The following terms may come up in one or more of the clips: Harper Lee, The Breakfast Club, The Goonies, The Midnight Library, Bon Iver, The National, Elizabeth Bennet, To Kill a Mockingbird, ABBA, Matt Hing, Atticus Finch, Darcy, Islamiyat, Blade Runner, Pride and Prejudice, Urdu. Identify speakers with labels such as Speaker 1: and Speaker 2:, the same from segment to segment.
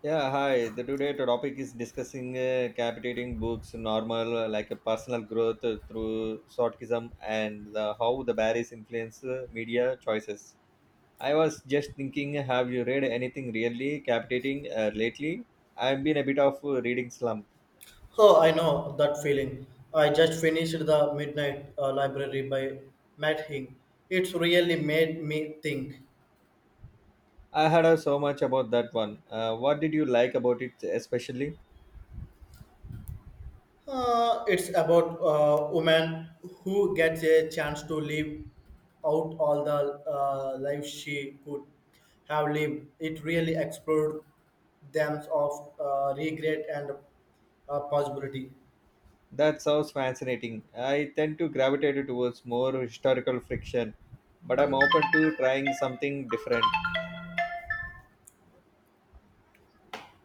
Speaker 1: Yeah, hi. The today topic is discussing captivating books, normal like a personal growth through shortism and how the barriers influence media choices. I was just thinking, have you read anything really captivating lately? I've been a bit of reading slump.
Speaker 2: Oh, I know that feeling. I just finished The Midnight Library by Matt Hing. It's really made me think.
Speaker 1: I heard so much about that one. What did you like about it especially?
Speaker 2: It's about a woman who gets a chance to live out all the life she could have lived. It really explored themes of regret and possibility.
Speaker 1: That sounds fascinating. I tend to gravitate towards more historical fiction, but I'm open to trying something different.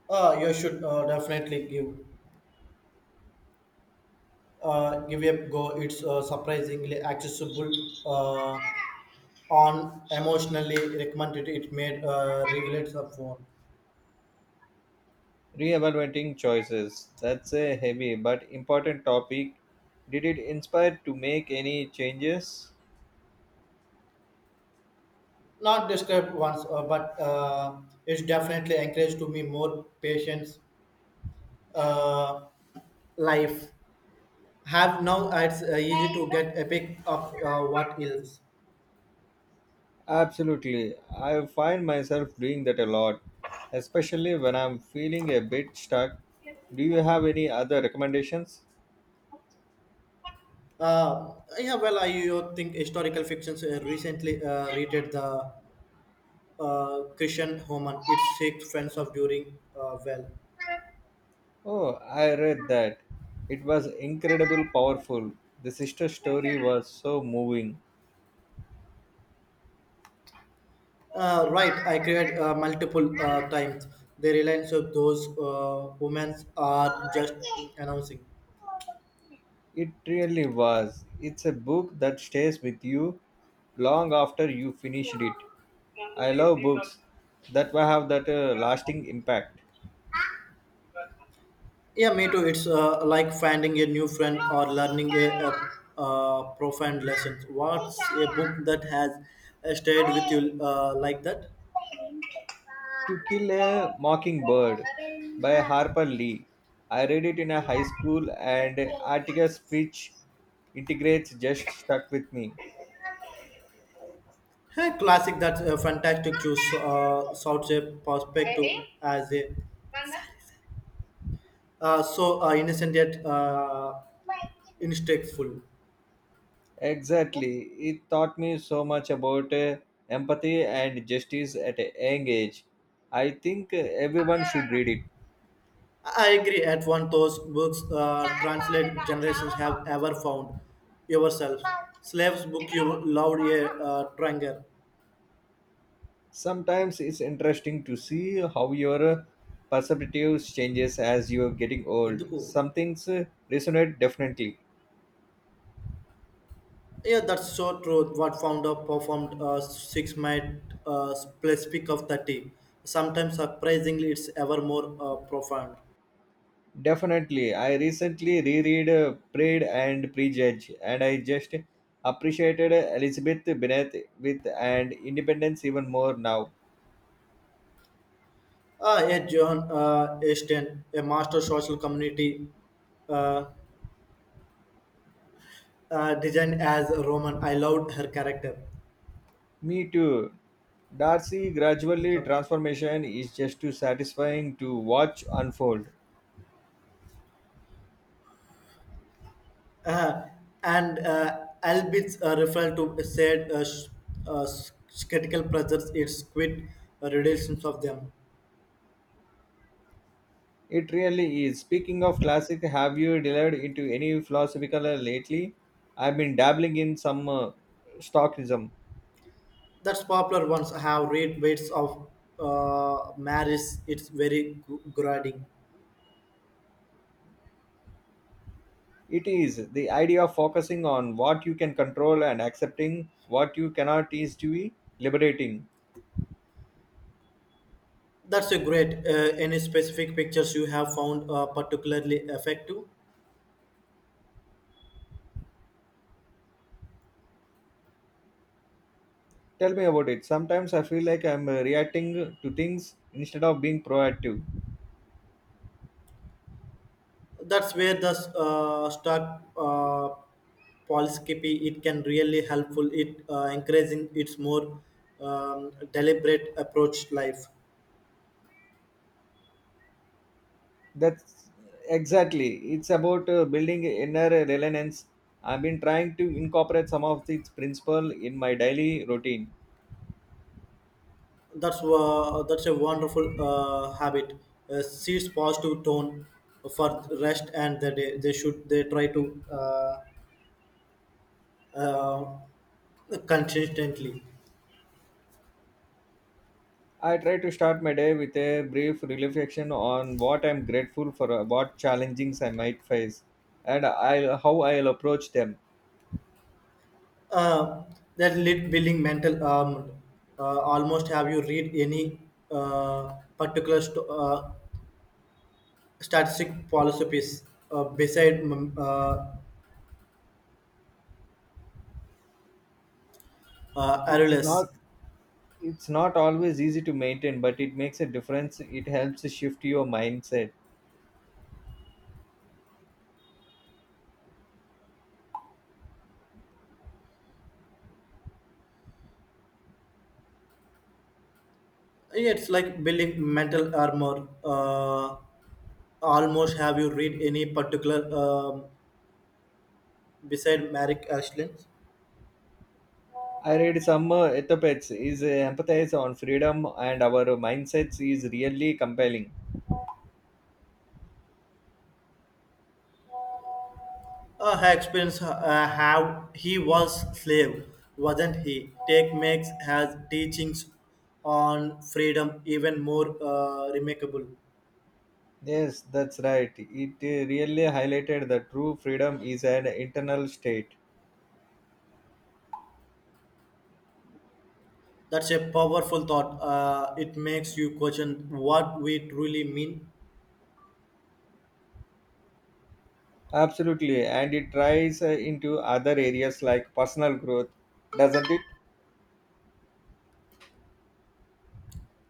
Speaker 2: You should definitely give give it a go. It's surprisingly accessible. Uh, on emotionally recommended it made regulates the phone
Speaker 1: Reevaluating choices. That's a heavy but important topic. Did it inspire to make any changes?
Speaker 2: not described once but it's definitely encouraged to me more patience, uh, life have now it's easy to get a pick of what else.
Speaker 1: Absolutely. I find myself doing that a lot, especially when I'm feeling a bit stuck. Do you have any other recommendations?
Speaker 2: uh, yeah, well, I think historical fictions recently rated the christian homan its six friends of during well.
Speaker 1: Oh, I read that. It was incredible powerful. The sister story was so moving.
Speaker 2: Right, I create multiple times. The reliance of those women are just announcing.
Speaker 1: It really was. It's a book that stays with you long after you finished it. I love books that will have that lasting impact.
Speaker 2: Yeah, me too. It's like finding a new friend or learning a profound lesson. What's a book that has stayed with you like that?
Speaker 1: To Kill a Mockingbird by Harper Lee. I read it in a high school and Atticus Finch integrates just stuck with me.
Speaker 2: Hey, classic. That's a fantastic choice. Such a perspective as a so innocent yet instinctful.
Speaker 1: Exactly. It taught me so much about empathy and justice at a young age. I think everyone should read it.
Speaker 2: I agree. At one, those books translate generations have ever found yourself. Slaves book you loved a tranger.
Speaker 1: Sometimes it's interesting to see how your perspective changes as you're getting old
Speaker 2: ఎందుకు.
Speaker 1: some things resonate definitely
Speaker 2: Yeah, that's so true. What founder performed six might specific of 30. Sometimes surprisingly, it's ever more profound.
Speaker 1: definitely I recently reread pride and prejudice, and I just appreciated elizabeth bennet with and independence even more now.
Speaker 2: A John Ashton, a master social community, uh, designed as Roman. I loved her character.
Speaker 1: Me too. Darcy gradually
Speaker 2: Okay.
Speaker 1: transformation is just too satisfying to watch unfold.
Speaker 2: Uh, and albeit referred to said uh, s- critical pressures, it's quit relations of them.
Speaker 1: It really is. Speaking of classic, have you delved into any philosophical lately? I've been dabbling in some stoicism.
Speaker 2: That's popular ones have rate weights of marriage. It's very grading.
Speaker 1: It is the idea of focusing on what you can control and accepting what you cannot is to be liberating.
Speaker 2: That's a great. Any specific pictures you have found particularly effective?
Speaker 1: Tell me about it. Sometimes I feel like I'm reacting to things instead of being proactive.
Speaker 2: That's where the stock policycopy it can really helpful. It encouraging its more deliberate approach life.
Speaker 1: That's exactly. It's about building inner resilience. I've been trying to incorporate some of its principle in my daily routine.
Speaker 2: That's a wonderful habit. Seeds positive tone for rest and the day. They should they try to uh, consistently.
Speaker 1: I try to start my day with a brief reflection on what I'm grateful for, what challenges I might face, and I how I'll approach them.
Speaker 2: Uh, that lit building mental, almost, have you read any uh, particular st- uh, statistic philosophies beside
Speaker 1: It's
Speaker 2: Aurelius.
Speaker 1: not it's not always easy to maintain, but it makes a difference. It helps shift your mindset.
Speaker 2: Yeah, it's like building mental armor. Almost, have you read any particular, beside Merrick Ashland.
Speaker 1: I read some ethopets is empathize on freedom and our mindsets is really compelling.
Speaker 2: Her experience, how he was slave, wasn't he? Take makes his teachings on freedom even more remarkable.
Speaker 1: Yes, that's right. It really highlighted that true freedom is an internal state.
Speaker 2: That's a powerful thought. It makes you question what we truly mean.
Speaker 1: Absolutely, and it tries into other areas like personal growth, doesn't it?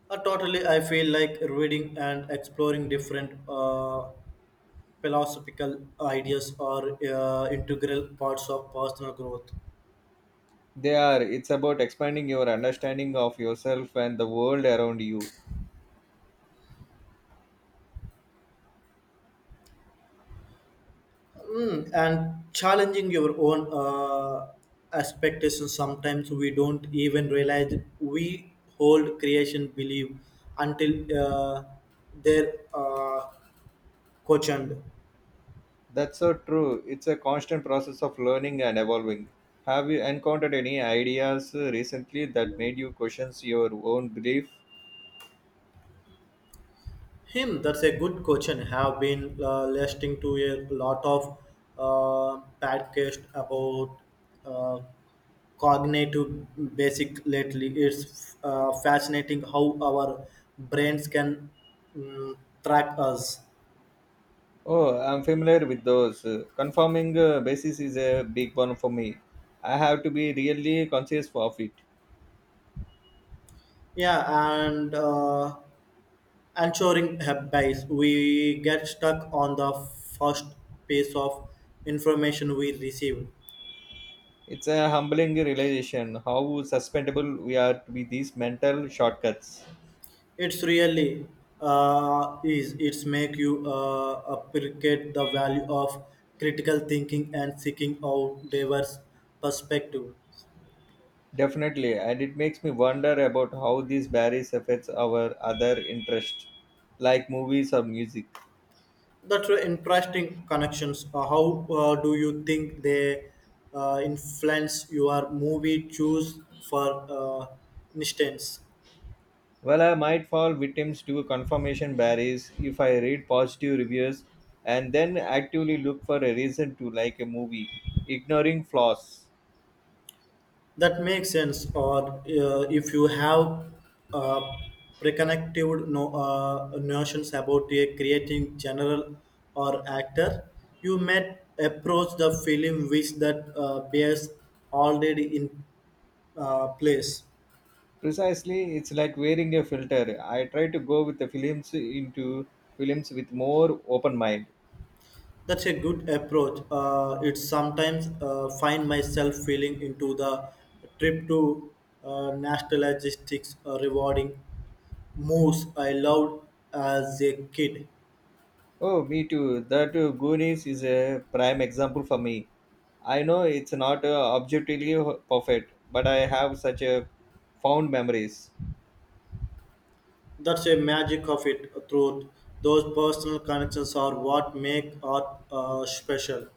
Speaker 2: Totally, I feel like reading and exploring different philosophical ideas are integral parts of personal growth.
Speaker 1: They are. It's about expanding your understanding of yourself and the world around you.
Speaker 2: Mm, and challenging your own expectations. Sometimes we don't even realize we hold creation belief until uh, they're questioned.
Speaker 1: That's so true. It's a constant process of learning and evolving. Have you encountered any ideas recently that made you question your own belief?
Speaker 2: Him, that's a good question. Have been listening to a lot of podcast about uh, cognitive basic lately. It's fascinating how our brains can mm, track us.
Speaker 1: Oh, I'm familiar with those. Confirming basis is a big one for me. I have to be really conscious of it.
Speaker 2: Yeah, and ensuring bias. We get stuck on the first piece of information we receive.
Speaker 1: It's a humbling realization how susceptible we are to be these mental shortcuts.
Speaker 2: It's really is it's make you appreciate the value of critical thinking and seeking out diverse perspective.
Speaker 1: Definitely, and it makes me wonder about how these barriers affects our other interests, like movies or music.
Speaker 2: That's were interesting connections. How do you think they influence your movie choose for instance?
Speaker 1: Well, I might fall victims to confirmation barriers if I read positive reviews and then actively look for a reason to like a movie, ignoring flaws.
Speaker 2: That makes sense. Or if you have uh, preconceived no, notions about a creating general or actor, you might approach the film with that bears already in place.
Speaker 1: Precisely, it's like wearing a filter. I try to go with the films into films with more open mind.
Speaker 2: That's a good approach. It's sometimes find myself feeling into the trip to nationalistic rewarding moves I loved as a kid.
Speaker 1: Oh, me too. That Goonies is a prime example for me. I know it's not objectively perfect, but I have such a fond memories.
Speaker 2: That's a magic of it, truth. Those personal connections are what make art special.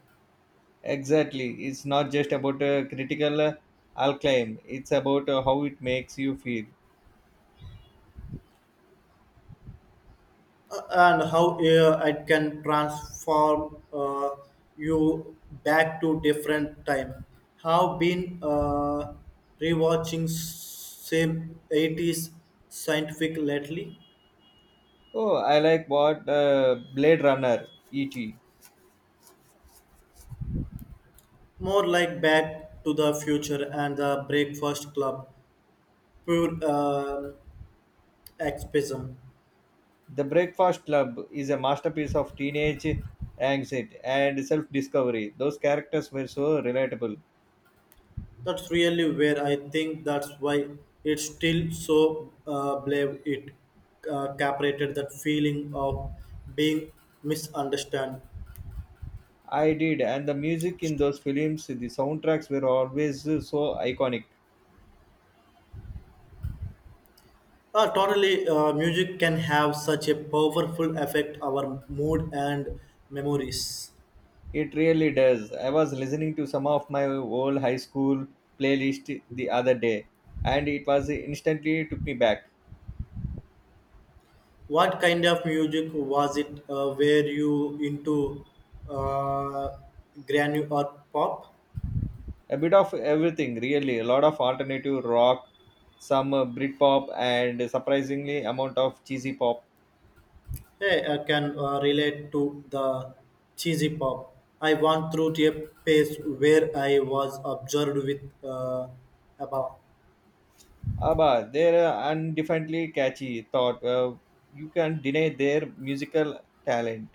Speaker 1: Exactly. It's not just about a critical acclaim. It's about how it makes you feel.
Speaker 2: And how it can transform you back to different time. Have been rewatching same 80s scientific lately,
Speaker 1: Oh, I like what Blade Runner (E.T.).
Speaker 2: more like Back to the Future and The Breakfast Club, pure escapism.
Speaker 1: The Breakfast Club is a masterpiece of teenage anxiety and self-discovery. Those characters were so relatable.
Speaker 2: That's really where I think that's why it's still so brave. It captured that feeling of being misunderstood.
Speaker 1: I did, and the music in those films, the soundtracks were always so iconic.
Speaker 2: Totally, music can have such a powerful effect our mood and memories.
Speaker 1: It really does. I was listening to some of my old high school playlist the other day, and it was instantly took me back.
Speaker 2: What kind of music was it? Were you into uh, granny or pop?
Speaker 1: A bit of everything, really. A lot of alternative rock, some Britpop, and a surprisingly amount of cheesy pop.
Speaker 2: Hey, I can relate to the cheesy pop. I went through a phase where I was observed with about,
Speaker 1: Abba, they're undefinably catchy. Thought you can deny their musical talent.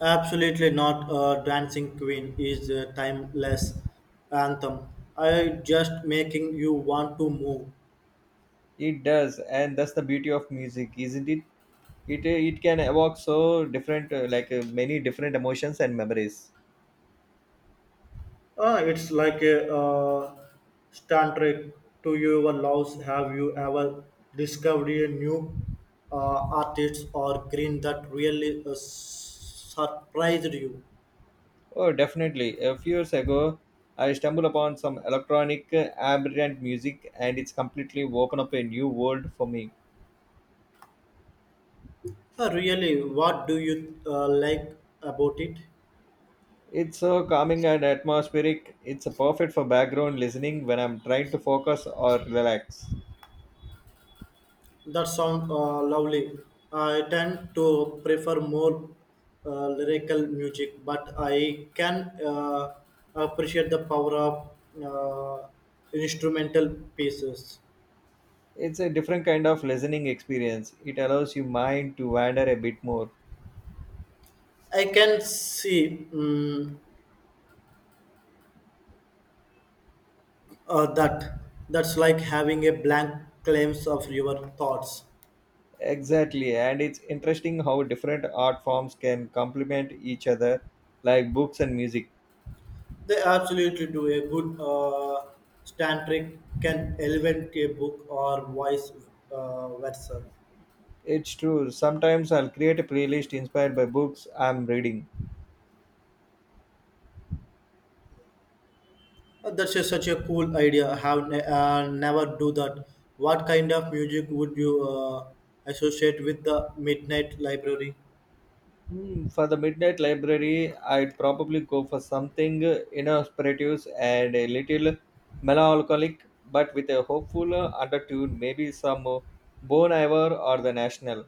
Speaker 2: absolutely not. A dancing queen is a timeless anthem. I just making you want to move.
Speaker 1: It does, and that's the beauty of music, isn't it? It it can evoke so different many different emotions and memories.
Speaker 2: Ah, it's like a uh, tantric to your loves. Have you ever discovered a new artist or green that really surprised you?
Speaker 1: Oh definitely. A few years ago I stumbled upon some electronic ambient music, and it's completely opened up a new world for me.
Speaker 2: Really, what do you like about it?
Speaker 1: It's so calming and atmospheric. It's perfect for background listening when I'm trying to focus or relax.
Speaker 2: That sound lovely. I tend to prefer more lyrical music, but I can appreciate the power of uh, instrumental pieces.
Speaker 1: It's a different kind of listening experience. It allows your mind to wander a bit more.
Speaker 2: I can see, that that's like having a blank claims of your thoughts.
Speaker 1: Exactly, and it's interesting how different art forms can complement each other, like books and music.
Speaker 2: They absolutely do. A good tantric can elevate a book or vice versa.
Speaker 1: It's true. Sometimes I'll create a playlist inspired by books I'm reading.
Speaker 2: That's such a cool idea. I have never do that. What kind of music would you associate with The Midnight Library?
Speaker 1: Hmm, for the midnight library, I'd probably go for something introspective and a little melancholic, but with a hopeful undertone. Maybe some Bon Iver or The National.